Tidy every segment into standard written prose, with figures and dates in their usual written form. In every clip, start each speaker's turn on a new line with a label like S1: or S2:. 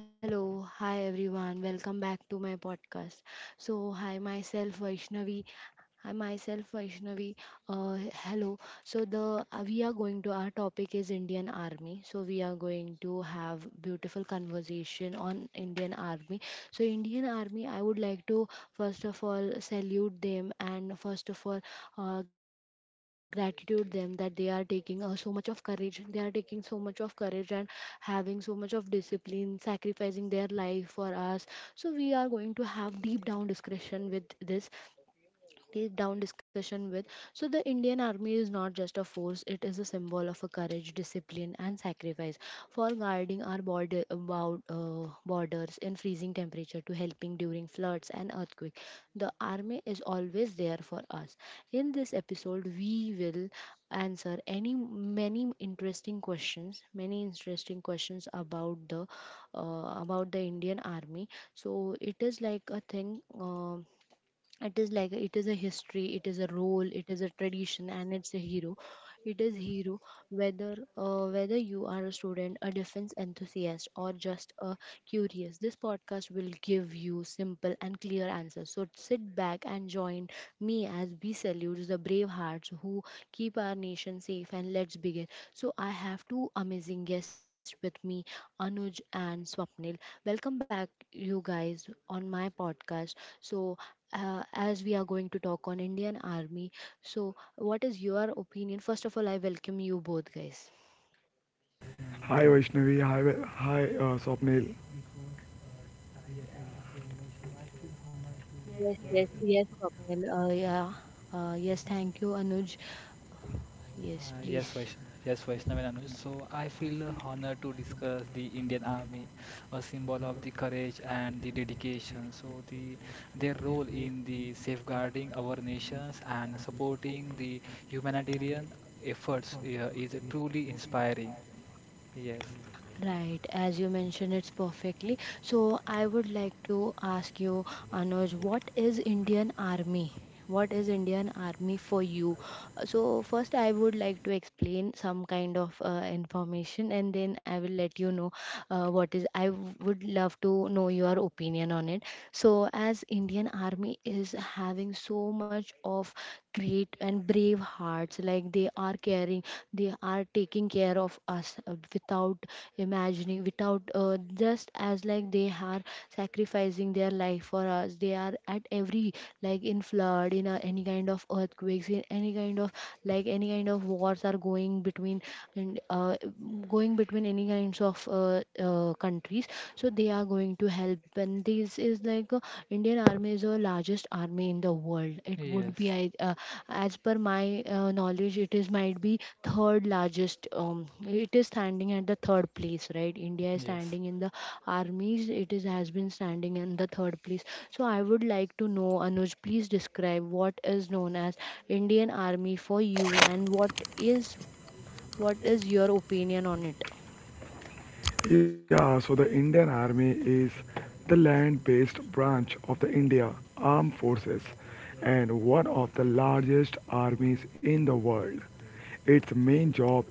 S1: Hello, hi everyone. Welcome back to my podcast. So, hi myself Vaishnavi, I myself Vaishnavi. Uh, hello. So the we are going to our topic is Indian Army. So we are going to have beautiful conversation on Indian Army. So Indian Army, I would like to first of all salute them and first of all gratitude them that they are taking so much of courage. They are taking so much of courage and having so much of discipline, sacrificing their life for us. So we are going to have deep down discussion with this deep down discussion with. So, the Indian Army is not just a force, it is a symbol of a courage, discipline, and sacrifice for guarding our border, about borders in freezing temperature to helping during floods and earthquake. The Army is always there for us. In this episode, we will answer any many interesting questions about the Indian Army. So it is like a thing. um it is like it is a history, it is a role, it is a tradition, and it's a hero. It is hero, whether whether you are a student, a defense enthusiast, or just a curious, this podcast will give you simple and clear answers. So sit back and join me as we salute the brave hearts who keep our nation safe, and let's begin. So I have two amazing guests with me, Anuj and Swapnil. Welcome back you guys on my podcast. So as we are going to talk on Indian Army. So, what is your opinion? First of all, I welcome you both, guys.
S2: Hi Vaishnavi, hi, Swapnil.
S1: Yes, yes, yes, Swapnil. Yeah. Yes, thank you, Anuj. Yes,
S3: Yes,
S1: please.
S3: Vaishnav. Yes, Vaishnav and Anuj. So I feel honored to discuss the Indian Army, a symbol of the courage and the dedication. So their role in the safeguarding our nations and supporting the humanitarian efforts is truly inspiring. Yes,
S1: Right, as you mentioned, it's perfectly. So I would like to ask you, Anuj, what is Indian Army? What is Indian Army for you? So first, I would like to explain some kind of information, and then I will let you know what is. Would love to know your opinion on it. So as Indian Army is having so much of great and brave hearts, like they are caring, they are taking care of us without imagining, without just as like they are sacrificing their life for us. They are at every, like in flood, in a, any kind of earthquakes, in any kind of like any kind of wars are going between, and going between any kinds of countries. So they are going to help, and this is like Indian Army is the largest army in the world. It would be
S3: yes,
S1: as per my knowledge, it is might be third largest. It is standing at the third place, right? India is
S3: yes,
S1: standing in the armies, it is has been standing in the third place. So I would like to know, Anuj, please describe what is known as Indian Army for you and is what is your opinion on it?
S2: Yeah, so the Indian Army is the land-based branch of the India Armed Forces and one of the largest armies in the world. Its main job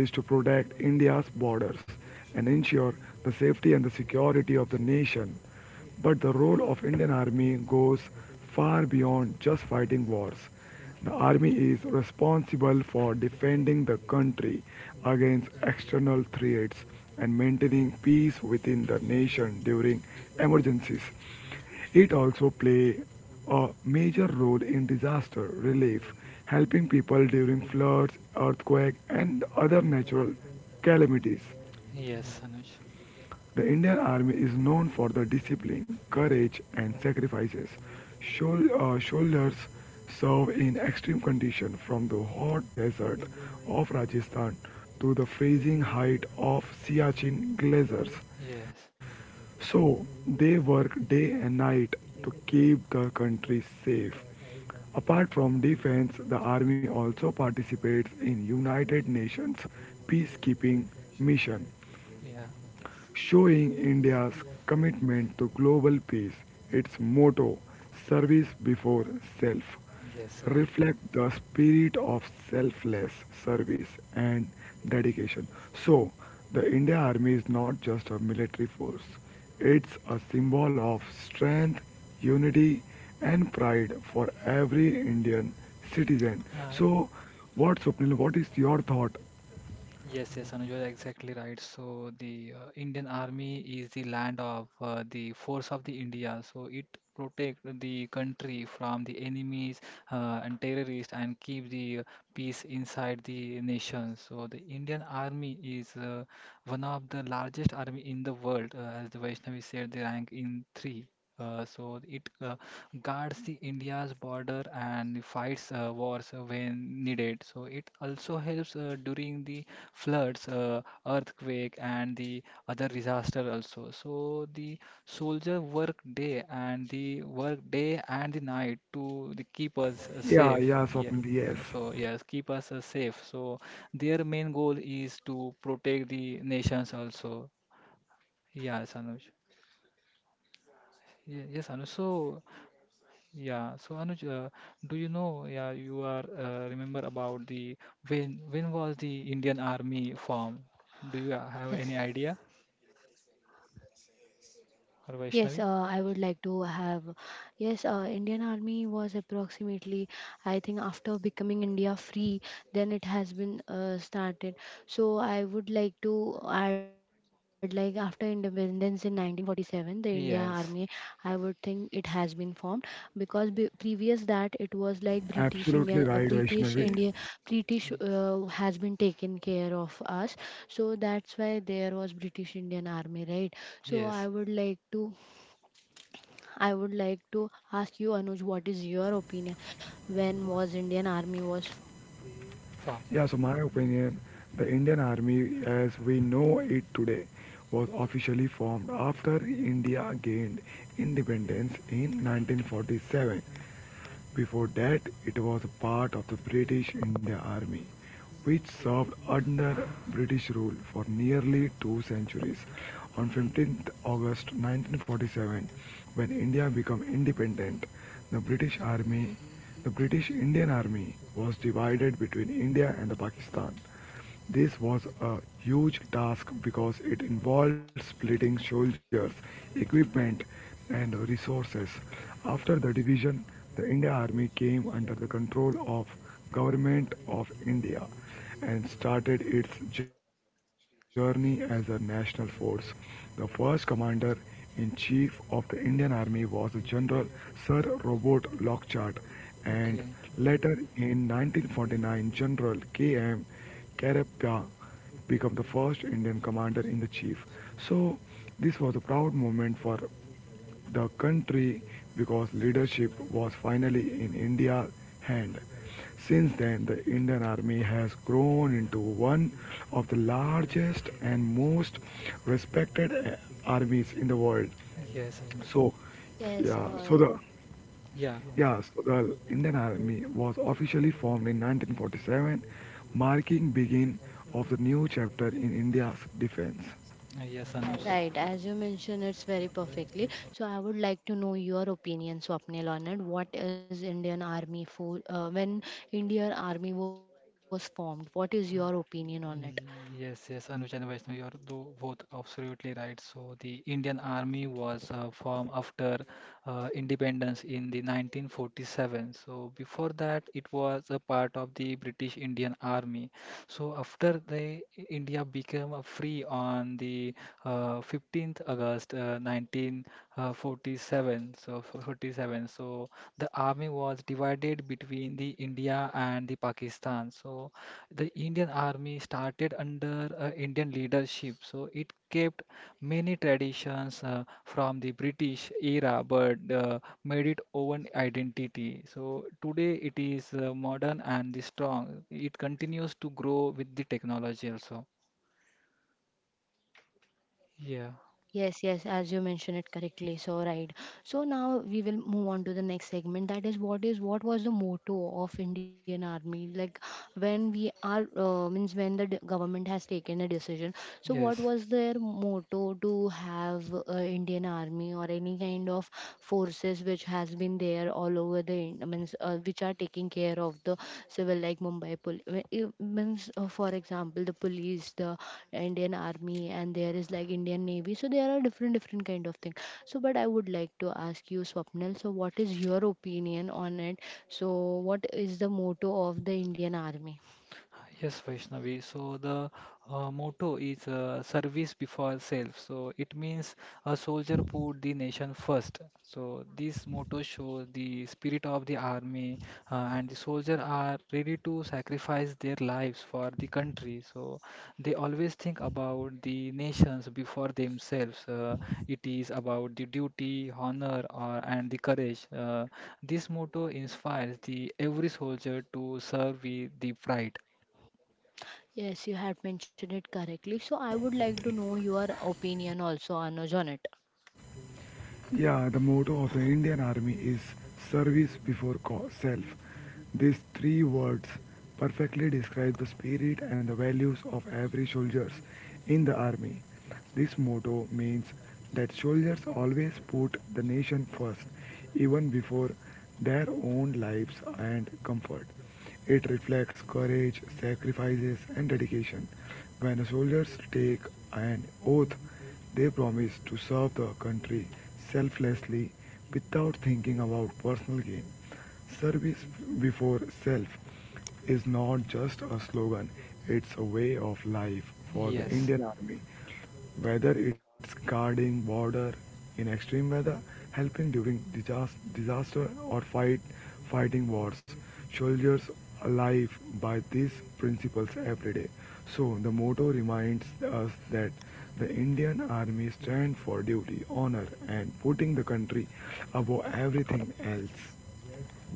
S2: is to protect India's borders and ensure the safety and the security of the nation. But the role of Indian Army goes far beyond just fighting wars. The army is responsible for defending the country against external threats and maintaining peace within the nation during emergencies. It also plays a major role in disaster relief, helping people during floods, earthquakes, and other natural calamities.
S3: yes, Anuj.
S2: The Indian Army is known for the discipline, courage, and sacrifices. Soldiers serve in extreme conditions from the hot desert of Rajasthan to the freezing height of Siachen glaciers.
S3: Yes,
S2: So they work day and night to keep the country safe. Apart from defense, the army also participates in United Nations peacekeeping mission
S3: yeah,
S2: showing India's commitment to global peace. Its motto, service before self,
S3: yes, right.
S2: reflects the spirit of selfless service and dedication. So, the Indian Army is not just a military force. It's a symbol of strength, unity and pride for every Indian citizen.
S3: Uh,
S2: So, what Swapnil, what is your thought?
S3: Yes, yes, Anuj, you're exactly right. So the Indian Army is the land of the force of the India. So it protect the country from the enemies and terrorists and keep the peace inside the nation. So the Indian Army is one of the largest army in the world, as the Vaishnavi said, they rank in three. So it guards the India's border and fights wars when needed. So it also helps during the floods, earthquake, and the other disaster also. So the soldier work day and the night to the keep us
S2: Yeah,
S3: safe.
S2: yeah,
S3: Yeah.
S2: Swapnil, yes.
S3: So yes, keep us safe. So their main goal is to protect the nations also. Yes, Anuj. Yes, Anuj. So yeah, so Anuj, do you know? Yeah, you are remember about the when was the Indian Army formed? Do
S1: Yes.
S3: you have any idea?
S1: Yes,
S3: Or
S1: I
S3: Vaishnavi?
S1: would like to have. Yes, Indian Army was approximately, I think, after becoming India free, then it has been started. So I would like to add, like after independence in 1947, the India Army,
S3: Yes.
S1: I would think it has been formed, because previous that it was like British Indian,
S2: Absolutely right,
S1: British
S2: Vaishnavi.
S1: India, British
S3: Yes.
S1: has been taken care of us. So that's why there was British Indian Army, right? So I
S3: Yes.
S1: would like to I would like to ask you, Anuj, what is your opinion? When was Indian Army was.
S3: Wow.
S2: Yeah, so my opinion, the Indian Army as we know it today was officially formed after India gained independence in 1947. Before that, it was part of the British India Army, which served under British rule for nearly two centuries. On 15th August 1947, when India became independent, the British Army, the British Indian Army was divided between India and Pakistan. This was a huge task because it involved splitting soldiers, equipment, and resources. After the division, the Indian Army came under the control of Government of India and started its journey as a national force. The first commander in chief of the Indian Army was General Sir Robert Lockhart and
S3: Okay.
S2: later in 1949 General K.M. Karep Pyong become the first Indian commander in the chief. So this was a proud moment for the country because leadership was finally in India's hand. Since then, the Indian Army has grown into one of the largest and most respected armies in the world.
S3: Yes, Anuj.
S2: So,
S1: Yes,
S2: yeah, so
S3: Yeah.
S2: the Indian Army was officially formed in 1947, marking begin of the new chapter in India's defense.
S3: Yes,
S1: right.
S3: Anuj.
S1: As you mentioned, it's very perfectly. So I would like to know your opinion, Swapnil, on it. What is Indian Army for? When Indian Army was formed, what is your opinion on it?
S3: Yes, yes, Anuj and Vaishnav, you are both absolutely right. So the Indian Army was formed after independence in the 1947. So before that, it was a part of the British Indian Army. So after the India became a free on the 15th August 1947. So 47. So the army was divided between the India and the Pakistan. So the Indian army started under Indian leadership, so it kept many traditions from the British era but made it own identity. So today it is modern and the strong. It continues to grow with the technology also.
S1: Yes,
S3: Yeah,
S1: yes, as you mentioned it correctly. So right. So now we will move on to the next segment. That is what was the motto of Indian Army? Like when we are means when the government has taken a decision. So what
S3: yes.
S1: was their motto to have Indian Army or any kind of forces which has been there all over the means which are taking care of the civil, like Mumbai means for example, the police, the Indian Army, and there is like Indian Navy. So there are different different kind of thing. So but I would like to ask you, Swapnil, so what is your opinion on it? So what is the motto of the Indian Army?
S3: Yes, Vaishnavi. So the motto is service before self. So it means a soldier put the nation first. So this motto shows the spirit of the army, and the soldier are ready to sacrifice their lives for the country. So they always think about the nations before themselves. It is about the duty, honor, or and the courage. This motto inspires the every soldier to serve with the pride.
S1: Yes, you had mentioned it correctly. So I would like to know your opinion also, Anuj, on it.
S2: Yeah, the motto of the Indian Army is service before self. These three words perfectly describe the spirit and the values of every soldiers in the army. This motto means that soldiers always put the nation first, even before their own lives and comfort. It reflects courage, sacrifices, and dedication. When soldiers take an oath, they promise to serve the country selflessly without thinking about personal gain. Service before self is not just a slogan, it's a way of life for the
S3: Yes,
S2: Indian Army whether it's guarding border in extreme weather, helping during disaster or fighting wars. Soldiers alive by these principles every day. So the motto reminds us that the Indian Army stands for duty, honor, and putting the country above everything else.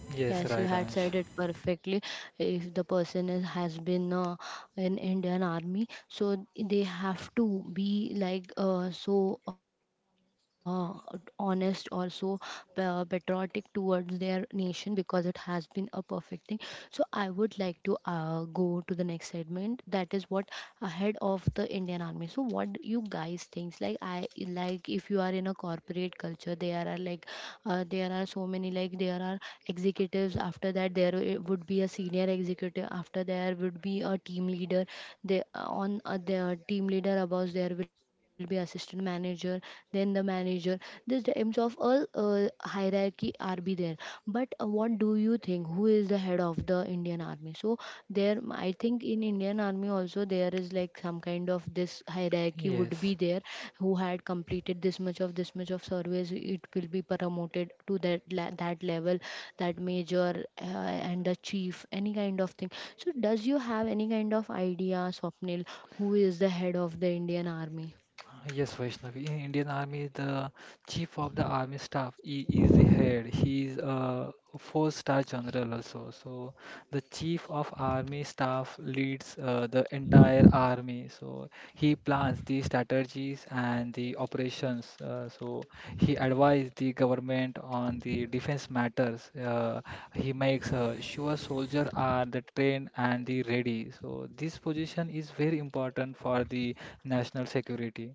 S3: yes,
S1: Yes, you
S3: right,
S1: had
S3: Anuj.
S1: said it perfectly. If the person is, has been in Indian Army, so they have to be like so honest, also patriotic towards their nation, because it has been a perfect thing. So I would like to go to the next segment, that is what ahead of the Indian Army. So what do you guys think? Like I like if you are in a corporate culture, there are like there are so many, like there are executives. After that, there would be a senior executive. After there would be a team leader. They on their team leader, above there will be assistant manager, then the manager. This terms of all the hierarchy are be there, but what do you think, who is the head of the Indian Army? So there I think in Indian Army also there is like some kind of this hierarchy would be
S3: Yes.
S1: there, who had completed this much of service, it will be promoted to that that level, that major and the chief, any kind of thing. So does you have any kind of idea, Swapnil, who is the head of the Indian Army?
S3: Yes, Vaishnavi. In Indian Army, the chief of the army staff he is the head. He is a four-star general also. So the chief of army staff leads the entire army. So he plans the strategies and the operations. So he advises the government on the defense matters. He makes sure soldiers are the trained and the ready. So this position is very important for the national security.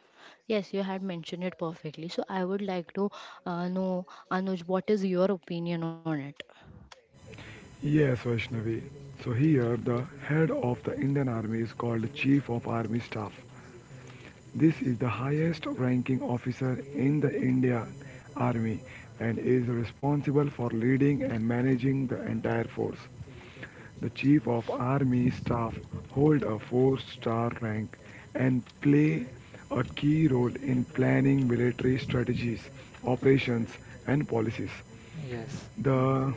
S1: Yes, you had mentioned it perfectly. So I would like to know, Anuj, what is your opinion on it?
S2: Yes, Vaishnavi. So here, the head of the Indian Army is called Chief of Army Staff. This is the highest ranking officer in the Indian Army and is responsible for leading and managing the entire force. The Chief of Army Staff hold a four-star rank and play a key role in planning military strategies, operations, and policies.
S3: Yes.
S2: The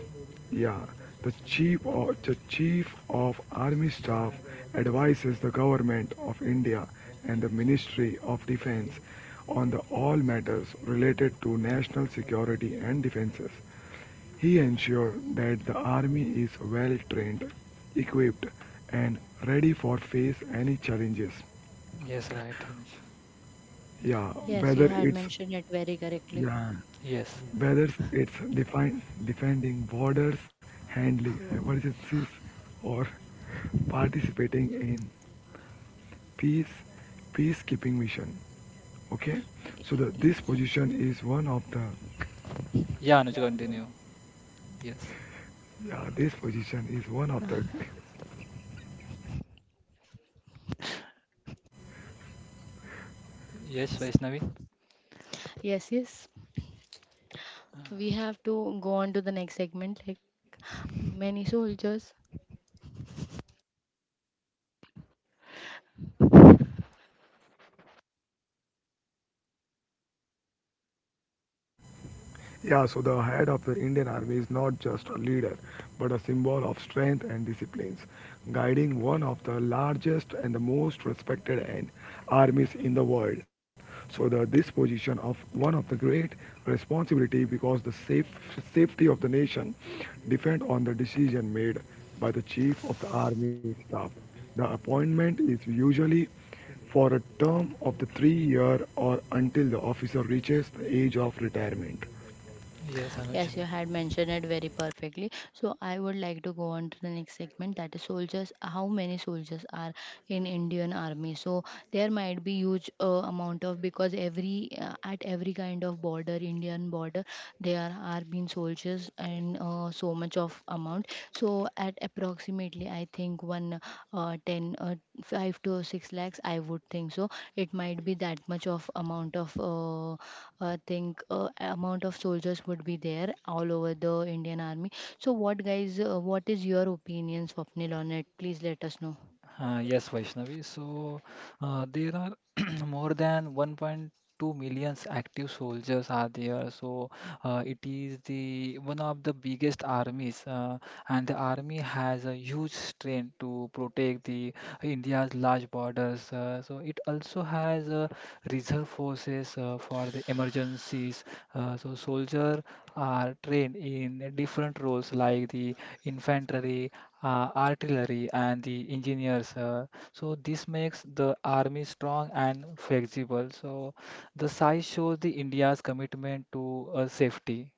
S2: yeah, the chief of army staff advises the government of India and the Ministry of Defense on the all matters related to national security and defenses. He ensured that the army is well trained, equipped, and ready for face any challenges.
S3: Yes, right, Anuj.
S2: Yeah,
S1: Yes, you
S2: whether
S1: had
S2: it's
S1: mentioned it very correctly.
S2: yeah,
S3: Yes.
S2: whether it's defending borders, handling emergencies, or participating in peace peacekeeping mission. Okay, so the, this
S1: Y-
S2: position is one of the
S3: Yeah, Anuj, continue. Yes.
S2: yeah, this position is one of the.
S3: Yes, Vaishnavi.
S1: Yes, yes. We have to go on to the next segment. Like many soldiers.
S2: Yeah, so the head of the Indian Army is not just a leader, but a symbol of strength and disciplines, guiding one of the largest and the most respected and armies in the world. So the this position of one of the great responsibility because the safety of the nation depend on the decision made by the chief of the army staff. The appointment is usually for a term of the 3 year or until the officer reaches the age of retirement.
S3: Yes, Anuj.
S1: Yes, you had mentioned it very perfectly. So I would like to go on to the next segment, that is soldiers. How many soldiers are in Indian army? So there might be huge amount of, because every at every kind of border, Indian border, there are been soldiers and so much of amount. So at approximately, I think one ten five to six lakhs. I would think so. It might be that much of amount of. I think amount of soldiers would be there all over the Indian army. So what guys, what is your opinion, Swapnil, on it? Please let us know.
S3: Yes, Vaishnavi. So there are more than 1.2 million active soldiers are there, so it is the one of the biggest armies, and the army has a huge strength to protect the India's large borders, so it also has reserve forces for the emergencies. So soldiers are trained in different roles like the infantry, artillery and the engineers. So this makes the army strong and flexible. So the size shows the India's commitment to safety.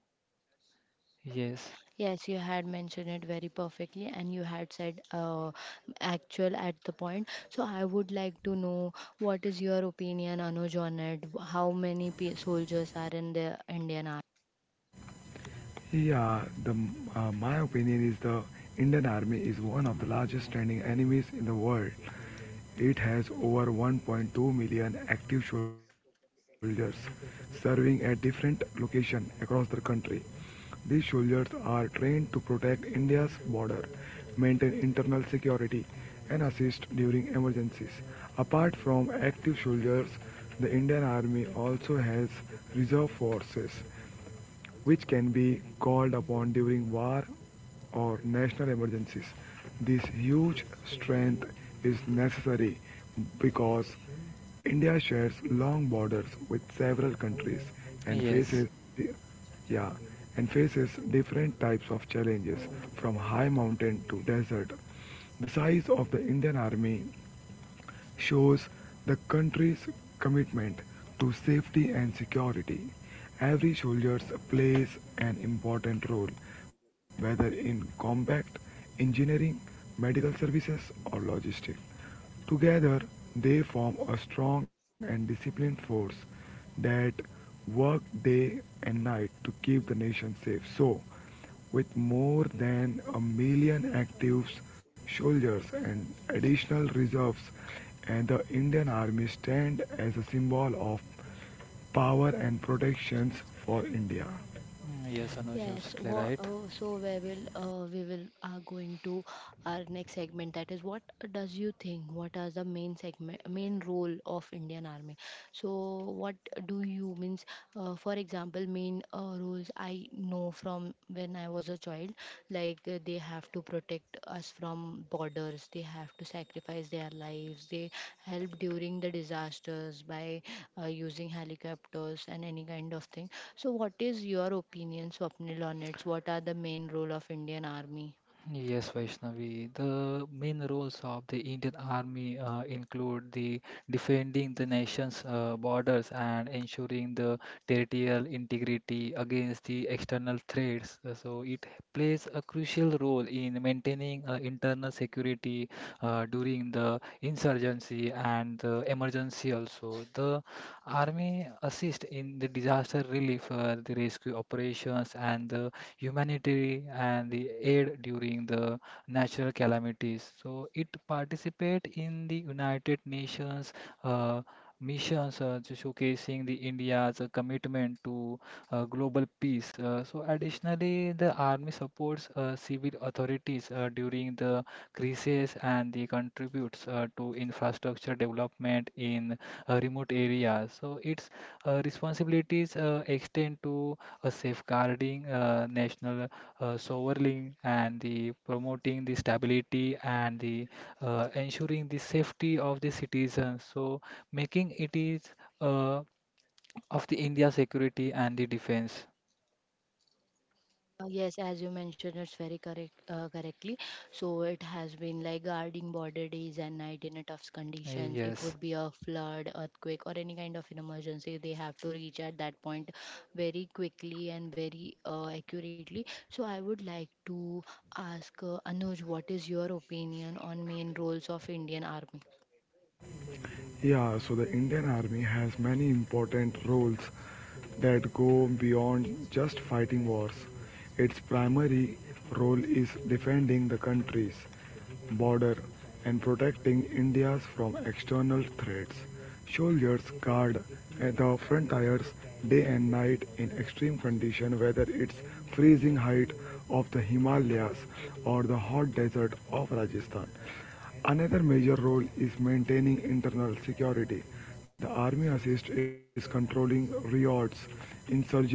S3: Yes,
S1: Yes, you had mentioned it very perfectly, and you had said actual at the point. So I would like to know what is your opinion, Anuj, on it? How many soldiers are in the Indian army?
S2: Yeah, my opinion is the Indian Army is one of the largest standing enemies in the world. It has over 1.2 million active soldiers serving at different locations across the country. These soldiers are trained to protect India's border, maintain internal security, and assist during emergencies. Apart from active soldiers, the Indian Army also has reserve forces which can be called upon during war or national emergencies. This huge strength is necessary because India shares long borders with several countries and
S3: yes.
S2: faces yeah and faces different types of challenges from high mountain to desert. The size of the Indian army shows the country's commitment to safety and security. Every soldier plays an important role, whether in combat, engineering, medical services, or logistics. Together, they form a strong and disciplined force that work day and night to keep the nation safe. So, with more than a million active soldiers and additional reserves, and the Indian Army stands as a symbol of power and protections for India.
S3: Mm, yes, Anuj, you're
S1: Yes,
S3: absolutely right.
S1: so we will are going to our next segment. That is, what does you think? What are the main segment, main role of Indian Army? So, what do you means? For example, main roles I know from when I was a child, like they have to protect us from borders. They have to sacrifice their lives. They help during the disasters by using helicopters and any kind of thing. So, what is your opinion, Swapnil, on it? What are the main role of Indian Army?
S3: Yes, Vaishnavi. The main roles of the Indian Army include the defending the nation's borders and ensuring the territorial integrity against the external threats. So it plays a crucial role in maintaining internal security during the insurgency and the emergency also. The Army assist in the disaster relief, the rescue operations, and the humanitarian and the aid during the natural calamities. So it participate in the United Nations uh, missions, to showcasing the India's commitment to global peace. So additionally, the army supports civil authorities during the crisis and the contributes to infrastructure development in remote areas. So its responsibilities extend to safeguarding national sovereignty and the promoting the stability and the ensuring the safety of the citizens. So making it is uh, of the India security and the defense.
S1: Yes, as you mentioned, it's very correct correctly. So it has been like guarding border days and night in a tough conditions. It
S3: Yes,
S1: would be a flood, earthquake, or any kind of an emergency. They have to reach at that point very quickly and very accurately. So I would like to ask Anuj, what is your opinion on main roles of Indian Army?
S2: Yeah, so the Indian Army has many important roles that go beyond just fighting wars. Its primary role is defending the country's border and protecting India's from external threats. Soldiers guard at the frontiers day and night in extreme conditions, whether it's freezing height of the Himalayas or the hot desert of Rajasthan. Another major role is maintaining internal security. The army assists in controlling riots, insurgents,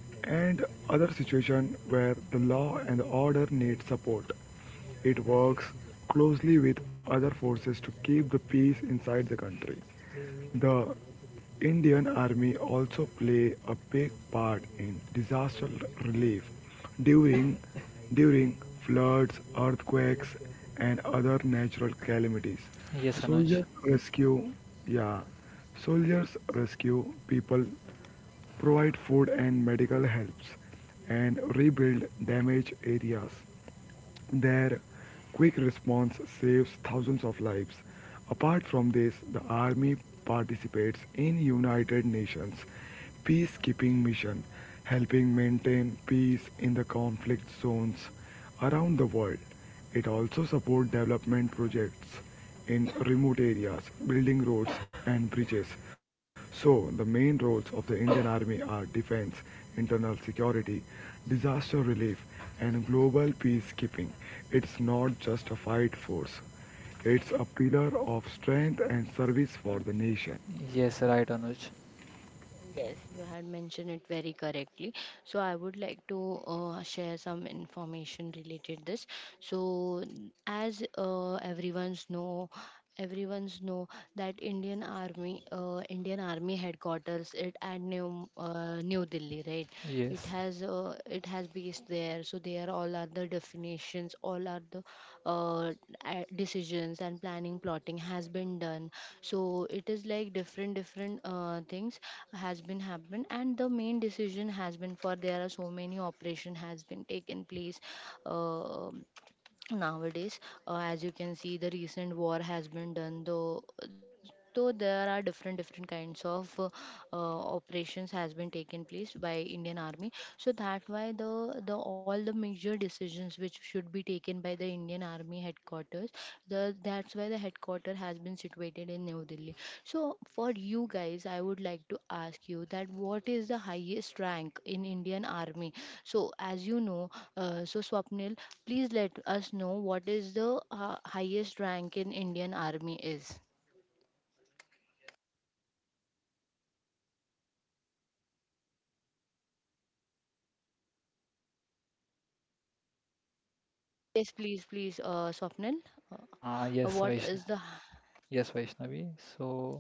S2: and other situations where the law and the order need support. It works closely with other forces to keep the peace inside the country. The Indian Army also play a big part in disaster relief during during floods, earthquakes and other natural calamities.
S3: yes, Anuj.
S2: Soldiers rescue yeah, Soldiers rescue people provide food and medical helps, and rebuild damaged areas. Their quick response saves thousands of lives. Apart from this, the Army participates in United Nations peacekeeping mission, helping maintain peace in the conflict zones around the world. It also supports development projects in remote areas, building roads and bridges. So, the main roles of the Indian Army are defense, internal security, disaster relief, and global peacekeeping. It's not just a fight force, it's a pillar of strength and service for the nation.
S3: Yes, right, Anuj.
S1: Yes, you had mentioned it very correctly. So I would like to share some information related this. So as everyone's know that Indian Army, Indian Army headquarters it at New Delhi, right?
S3: Yes.
S1: It has base there. So there all are the definitions, all are the uh, decisions and planning plotting has been done, so it is like different different things has been happened. And the main decision has been for there are so many operation has been taken place uh, nowadays. As you can see, the recent war has been done, though there are different different kinds of operations has been taken place by Indian Army. So that why the all the major decisions which should be taken by the Indian Army headquarters, the that's why the headquarter has been situated in New Delhi. So for you guys, I would like to ask you that what is the highest rank in Indian Army? So as you know, so Swapnil, please let us know what is the highest rank in Indian Army is. Yes, please, please, Swapnil.
S3: Ah,
S1: Uh,
S3: yes,
S1: what
S3: Vaishnavi.
S1: is the.
S3: Yes, Vaishnavi. So.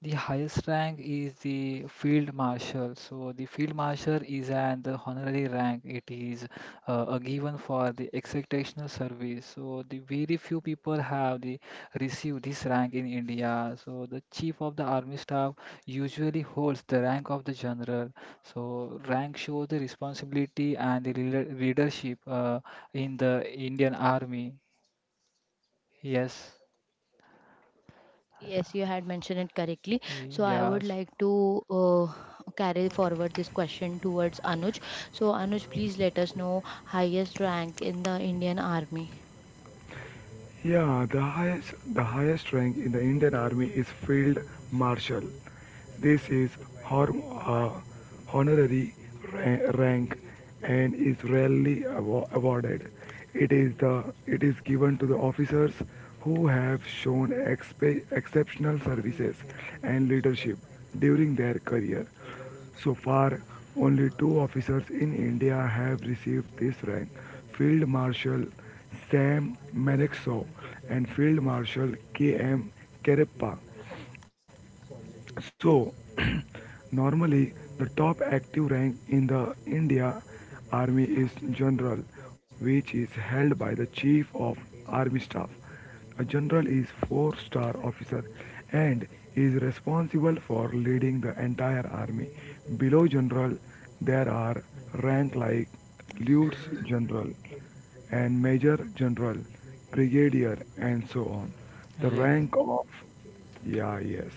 S3: The highest rank is the field marshal. So the field marshal is an honorary rank. It is a given for the exceptional service. So the very few people have the received this rank in India. So the chief of the army staff usually holds the rank of the general. So rank shows the responsibility and the leadership in the Indian army. Yes.
S1: Yes, you had mentioned it correctly. So I would
S3: Yes.
S1: like to carry forward this question towards Anuj. So, Anuj, please let us know highest rank in the Indian Army.
S2: Yeah, the highest rank in the Indian Army is Field Marshal. This is hor- uh, honorary rank and is rarely awarded. It is given to the officers who have shown exceptional services and leadership during their career. So far, only two officers in India have received this rank. Field Marshal Sam Marexo and Field Marshal K. M. Karappa. So, normally the top active rank in the India Army is general, which is held by the chief of army staff. A general is four-star officer and is responsible for leading the entire army. Below general, there are ranks like lieutenant general and major general, brigadier, and so on. The
S3: Yes.
S2: rank of yeah, yes.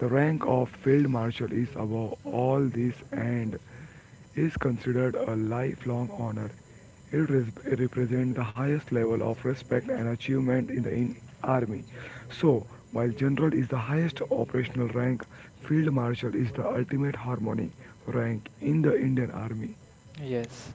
S2: The rank of Field Marshal is above all this and is considered a lifelong honor. It represents the highest level of respect and achievement in the army. So, while general is the highest operational rank, field marshal is the ultimate harmony rank in the Indian army.
S3: Yes.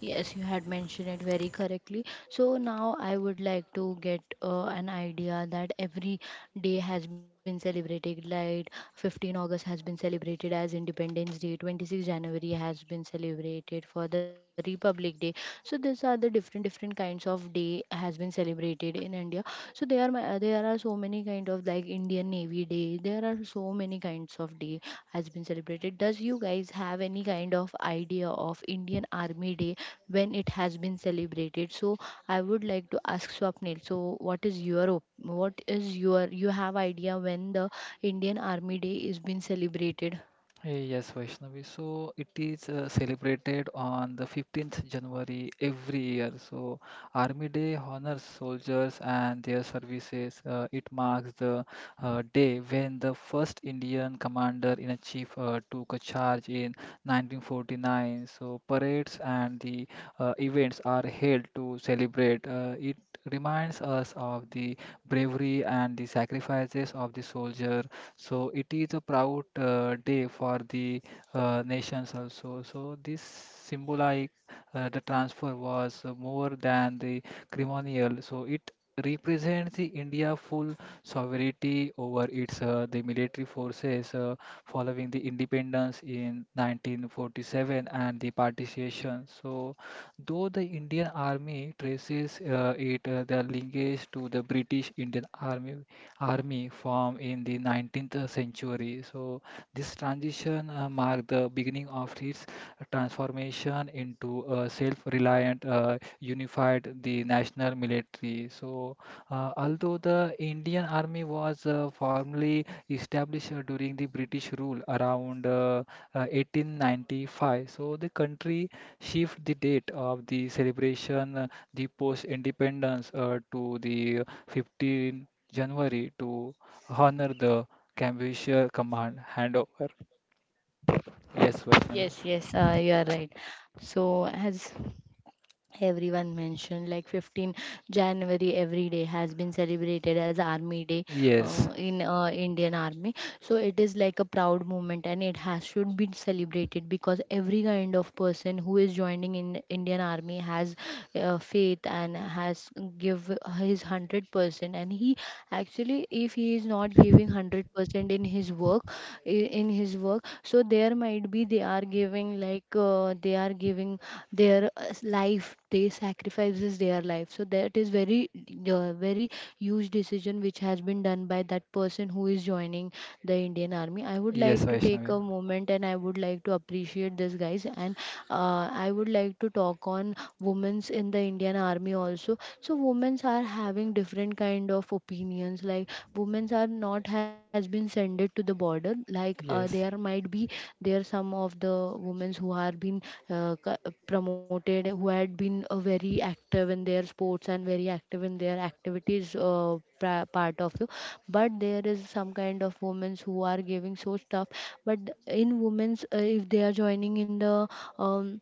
S1: Yes, you had mentioned it very correctly. So now I would like to get an idea that every day has been celebrated. Like 15 August has been celebrated as Independence Day. 26 January has been celebrated for the Republic Day. So these are the different different kinds of day has been celebrated in India. So there are there are so many kind of like Indian Navy Day. There are so many kinds of day has been celebrated. Does you guys have any kind of idea of Indian Army Day, when it has been celebrated? So I would like to ask Swapnil. So what is your what is your, you have idea when the Indian Army Day is being celebrated?
S3: Hey, yes, Vaishnavi. So it is celebrated on the 15th January every year. So Army Day honors soldiers and their services. It marks the day when the first Indian commander in a chief took a charge in 1949. So parades and the events are held to celebrate. It reminds us of the bravery and the sacrifices of the soldier, so it is a proud day for the nations also. So this symbolic the transfer was more than the ceremonial. So it represents the India full sovereignty over its the military forces following the independence in 1947 and the partition. So though the Indian Army traces it their linkage to the British Indian Army formed in the 19th century. So this transition marked the beginning of its transformation into a self-reliant, unified the national military. So although the Indian army was formally established during the British rule around 1895, so the country shift the date of the celebration, the post-independence to the 15th January to honor the Cambusher command handover. Yes,
S1: Yes,
S3: Vaishnavi.
S1: yes, you are right. So, as everyone mentioned, like 15 January every day has been celebrated as Army Day
S3: Yes,
S1: in Indian Army. So it is like a proud moment, and it has should be celebrated because every kind of person who is joining in Indian Army has faith and has give his 100% and he actually, if he is not giving 100% in his work, in his work, so there might be they are giving like they are giving their life, they sacrifices their life. So that is very very huge decision which has been done by that person who is joining the Indian Army. I would
S3: yes,
S1: like to take
S3: Vaishnavi.
S1: a moment and I would like to appreciate this guys, and I would like to talk on women's in the Indian Army also. So women's are having different kind of opinions. Like women's are not has been sended to the border. Like
S3: Yes,
S1: there might be there some of the women's who are been promoted, who had been very active in their sports and very active in their activities part of you, but there is some kind of women who are giving so stuff. But in women's if they are joining in the um,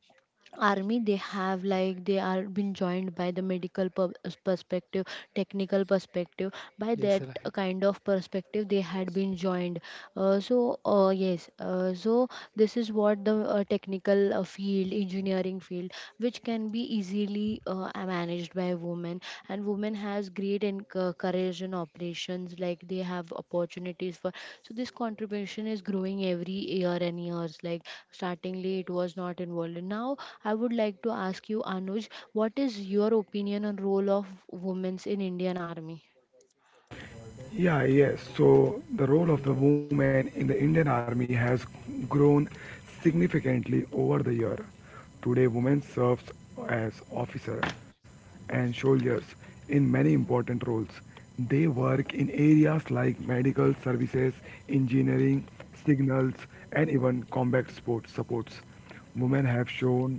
S1: army, they have like they are been joined by the medical perspective, technical perspective. By
S3: yes,
S1: that
S3: right.
S1: kind of perspective they had been joined. So yes, so this is what the technical field, engineering field, which can be easily managed by women. And women has great and courage in operations, like they have opportunities for. So this contribution is growing every year and years, like startingly it was not involved. Now I would like to ask you, Anuj, what is your opinion on role of women in Indian Army?
S2: Yeah, yes. So the role of the woman in the Indian Army has grown significantly over the year. Today, women serves as officer and soldiers in many important roles. They work in areas like medical services, engineering, signals, and even combat sport supports. Women have shown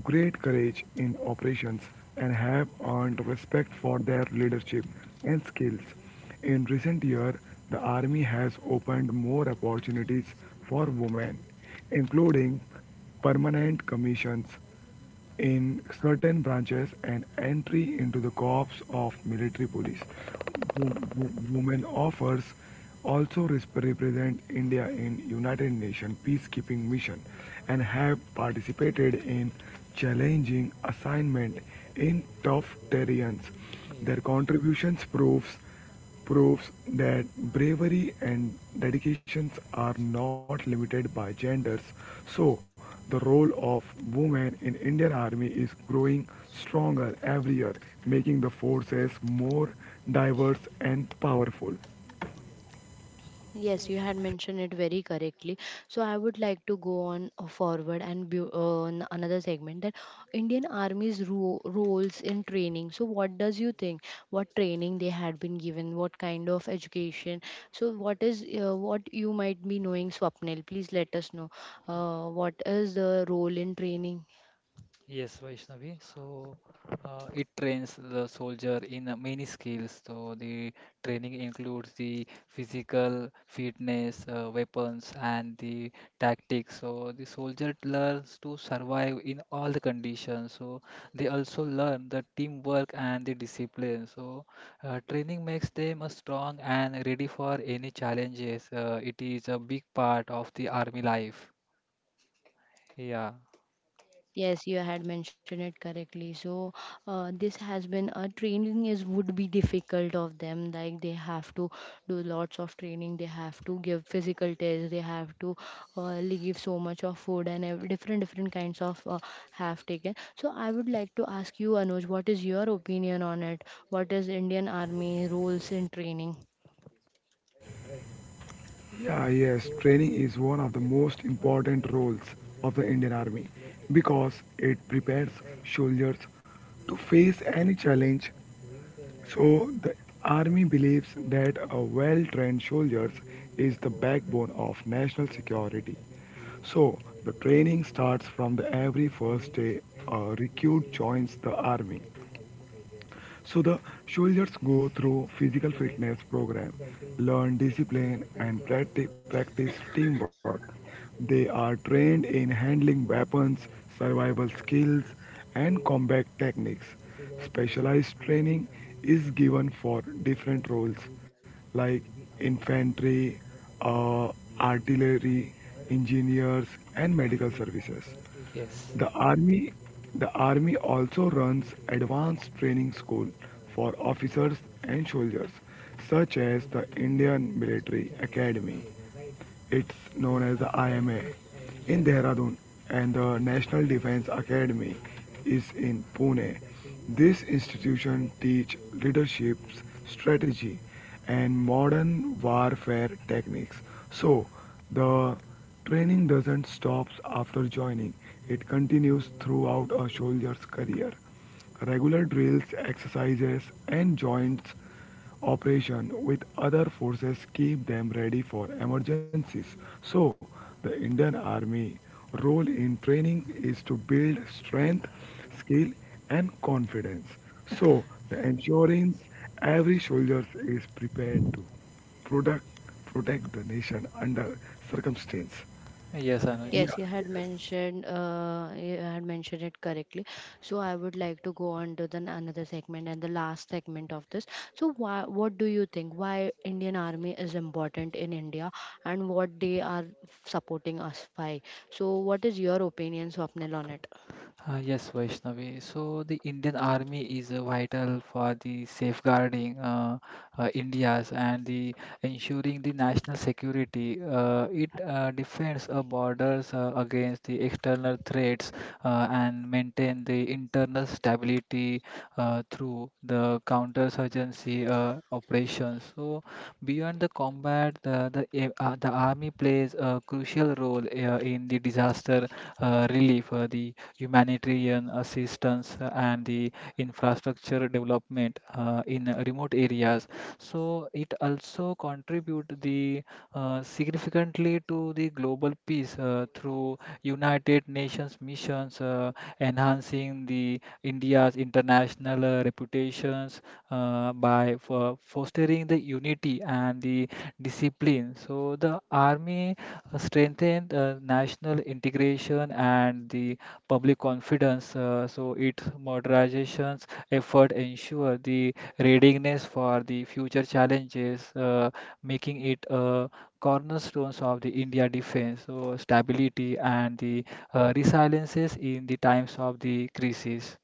S2: great courage in operations and have earned respect for their leadership and skills. In recent years, the Army has opened more opportunities for women, including permanent commissions, in certain branches an entry into the corps of military police women offers also represent India in United Nations peacekeeping mission and have participated in challenging assignment in tough terrains
S3: Yeah.
S2: their contributions proves that bravery and dedications are not limited by genders. So, the role of women in Indian Army is growing stronger every year, making the forces more diverse and powerful.
S1: Yes, you had mentioned it very correctly. So I would like to go on forward, and on another segment that Indian Army's roles in training. So what does you think? What training they had been given? What kind of education? So what is what you might be knowing, Swapnil? Please let us know. What is the role in training?
S3: Yes, Vaishnavi. So it trains the soldier in many skills. So the training includes the physical fitness, weapons, and the tactics. So the soldier learns to survive in all the conditions. So they also learn the teamwork and the discipline. So training makes them strong and ready for any challenges. It is a big part of the army life. Yeah.
S1: Yes, you had mentioned it correctly. So, this has been a training is would be difficult of them. Like they have to do lots of training. They have to give physical tests. They have to leave so much of food and different different kinds of have taken. So, I would like to ask you, Anuj, what is your opinion on it? What is Indian Army roles in training?
S2: Yeah, yes, training is one of the most important roles of the Indian Army because it prepares soldiers to face any challenge. So, the army believes that a well trained soldiers is the backbone of national security. So, the training starts from the every first day a recruit joins the army. So the soldiers go through physical fitness program, learn discipline and practice teamwork. They are trained in handling weapons, survival skills and combat techniques. Specialized training is given for different roles like infantry, uh, artillery, engineers and medical services.
S3: Yes.
S2: The army the army also runs advanced training school for officers and soldiers such as the Indian Military Academy. It's known as the IMA in
S3: Yes.
S2: Dehradun and the National Defense Academy is in Pune. This institution teach leadership, strategy and modern warfare techniques. So, the training doesn't stop after joining, it continues throughout a soldier's career. Regular drills, exercises, and joint operation with other forces keep them ready for emergencies. So, the Indian Army role in training is to build strength, skill, and confidence. So, the ensuring every soldier is prepared to. Product Protect the nation under circumstance.
S3: Yes,
S2: Yes. Yeah,
S3: Anuj.
S1: Yes, you
S2: yeah.
S1: had mentioned it correctly. So I would like to go on to the another segment and the last segment of this. So why, what do you think? Why Indian Army is important in India and what they are supporting us by? So what is your opinion, Swapnil, on it?
S3: Yes, Vaishnavi. So the Indian Army is vital for the safeguarding India's and the ensuring the national security. It defends our borders against the external threats and maintain the internal stability through the counterinsurgency operations. So beyond the combat, the army plays a crucial role in the disaster relief, the humanitarian assistance, and the infrastructure development in remote areas. So it also contribute the significantly to the global peace through United Nations missions, enhancing the India's international reputations by for fostering the unity and the discipline. So the army strengthened national integration and the public confidence. So its modernizations effort ensure the readiness for the future challenges, making it a cornerstones of the India defense. So stability and the resiliences in the times of the crisis.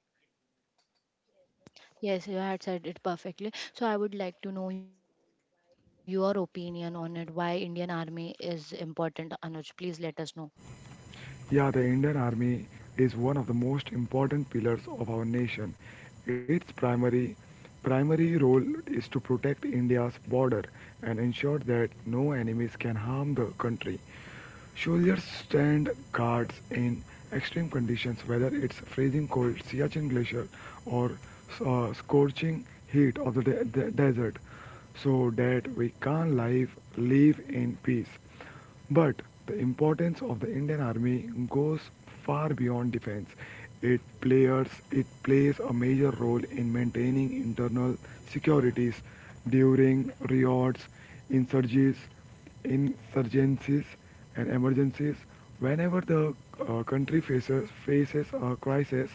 S1: Yes, you had said it perfectly. So I would like to know your opinion on it. Why Indian Army is important, Anuj? Please let us know.
S2: Yeah, the Indian Army is one of the most important pillars of our nation. Its primary role is to protect India's border and ensure that no enemies can harm the country. Soldiers stand guards in extreme conditions, whether it's freezing cold, Siachen glacier, or scorching heat of the desert, so that we can live in peace. But the importance of the Indian Army goes far beyond defense. It plays a major role in maintaining internal securities during riots, insurgencies, insurgencies, and emergencies. Whenever the country faces a crisis,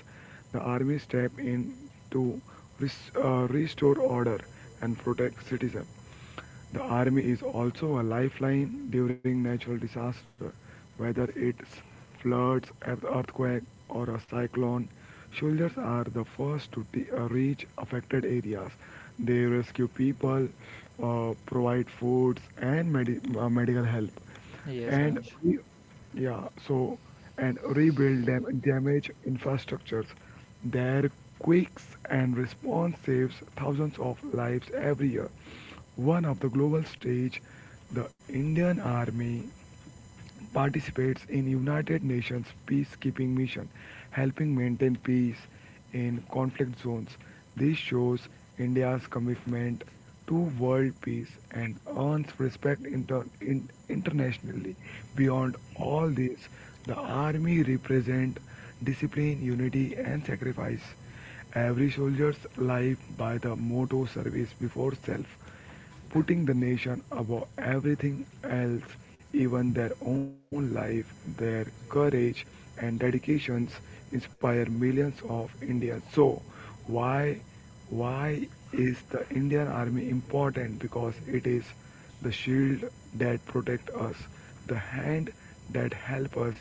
S2: the army step in to restore order and protect citizens. The army is also a lifeline during natural disaster, whether it's floods, an earthquake, or a cyclone. Soldiers are the first to reach affected areas. They rescue people, provide foods, and medical help
S3: Yes,
S2: and
S3: Anuj.
S2: re- yeah so and rebuild damaged infrastructures their quick and response saves thousands of lives every year one of the global stage the Indian Army participates in United Nations peacekeeping mission, helping maintain peace in conflict zones. This shows India's commitment to world peace and earns respect internationally. Beyond all this, the army represents discipline, unity, and sacrifice. Every soldier's life by the motto service before self putting the nation above everything else, even their own life, their courage and dedications inspire millions of Indians. So, why why is the Indian Army important? Because it is the shield that protects us, the hand that helps us,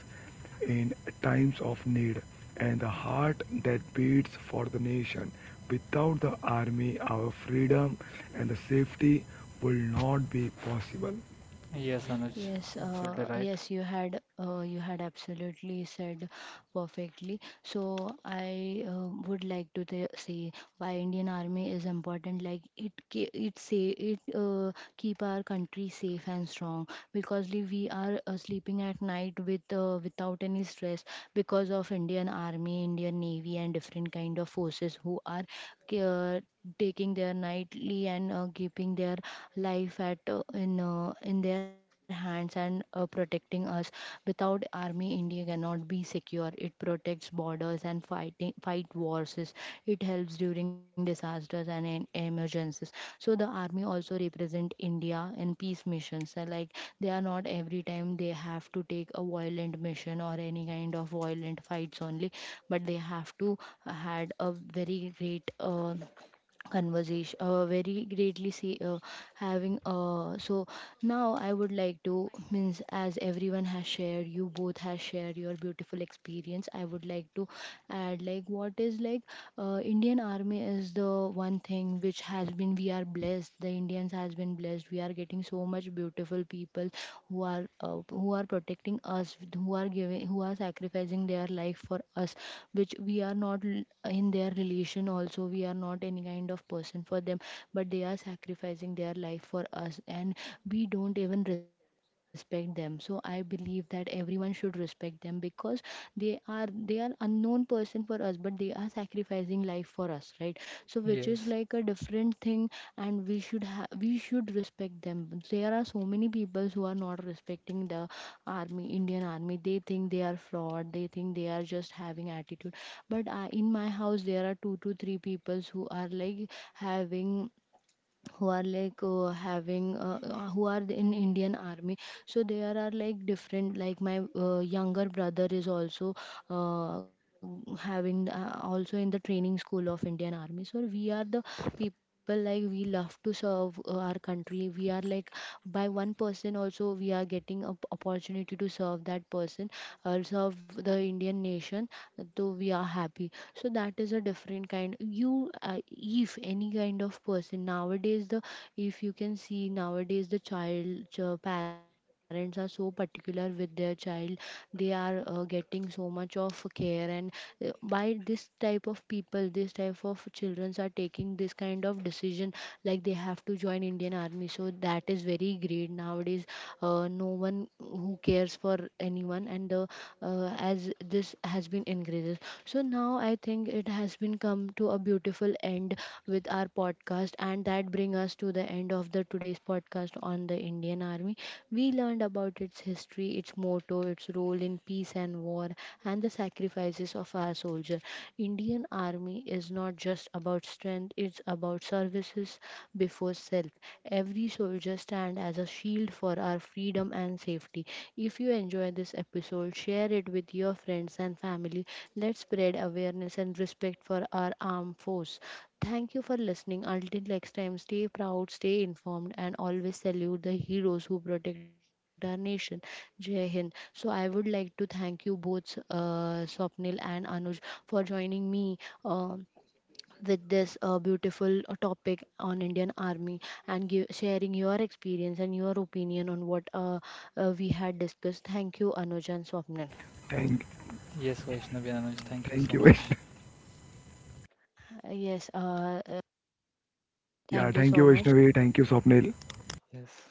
S2: in times of need and the heart that beats for the nation. Without the army, our freedom and the safety will not be possible.
S3: Yes, Anuj,
S1: Yes,
S3: absolutely right.
S1: yes, you had absolutely said perfectly. So I would like to say why Indian Army is important. Like it, it say it keep our country safe and strong, because we are sleeping at night with without any stress because of Indian Army, Indian Navy and different kind of forces who are uh, taking their nightly and keeping their life at in their hands and protecting us. Without army, India cannot be secure. It protects borders and fight wars. It helps during disasters and in emergencies. So the army also represent India in peace missions. So, like they are not every time they have to take a violent mission or any kind of violent fights only, but they have to had a very great conversation, very greatly see having so now I would like to means, as everyone has shared, you both has shared your beautiful experience, I would like to add like what is like Indian Army is the one thing which has been we are blessed. The Indians has been blessed, we are getting so much beautiful people who are protecting us, who are giving, who are sacrificing their life for us, which we are not in their relation. Also, we are not any kind of person for them, but they are sacrificing their life for us, and we don't even respect them. So I believe that everyone should respect them, because they are unknown known person for us, but they are sacrificing life for us, right? So which is
S3: Yes,
S1: like a different thing, and we should we should respect them. There are so many people who are not respecting the army, Indian Army, they think they are fraud, they think they are just having attitude. But I, in my house, there are two to three people who are like having, who are like having who are in Indian Army. So there are like different, like my younger brother is also uh, having the, also in the training school of Indian Army. So we are the people like, we love to serve our country, we are like by one person also we are getting an opportunity to serve that person or serve the Indian nation, though we are happy. So that is a different kind. You if any kind of person, nowadays the, if you can see nowadays the child, parents are so particular with their child, they are getting so much of care. And why this type of people, this type of children are taking this kind of decision, like they have to join Indian Army, so that is very great nowadays. No one who cares for anyone. And as this has been increases, so now I think it has been come to a beautiful end with our podcast, and that bring us to the end of the today's podcast on the Indian Army. We learned about its history, its motto, its role in peace and war, and the sacrifices of our soldiers. Indian Army is not just about strength, it's about services before self. Every soldier stands as a shield for our freedom and safety. If you enjoy this episode, share it with your friends and family. Let's spread awareness and respect for our armed force. Thank you for listening. Until next time, stay proud, stay informed, and always salute the heroes who protect our nation. Jai Hind. So, I would like to thank you both, Swapnil and Anuj, for joining me um with this beautiful topic on Indian Army, and give, sharing your experience and your opinion on what we had discussed. Thank you, Anuj and Swapnil.
S2: Thank,
S3: yes, Vaishnavi and Anuj, thank you so
S2: Thank you,
S3: much.
S2: Vaishnavi.
S1: Uh, yes, uh, uh,
S2: Yeah,
S1: thank you
S2: thank you,
S1: so much.
S2: Vaishnavi. Thank you, Swapnil.
S3: Yes.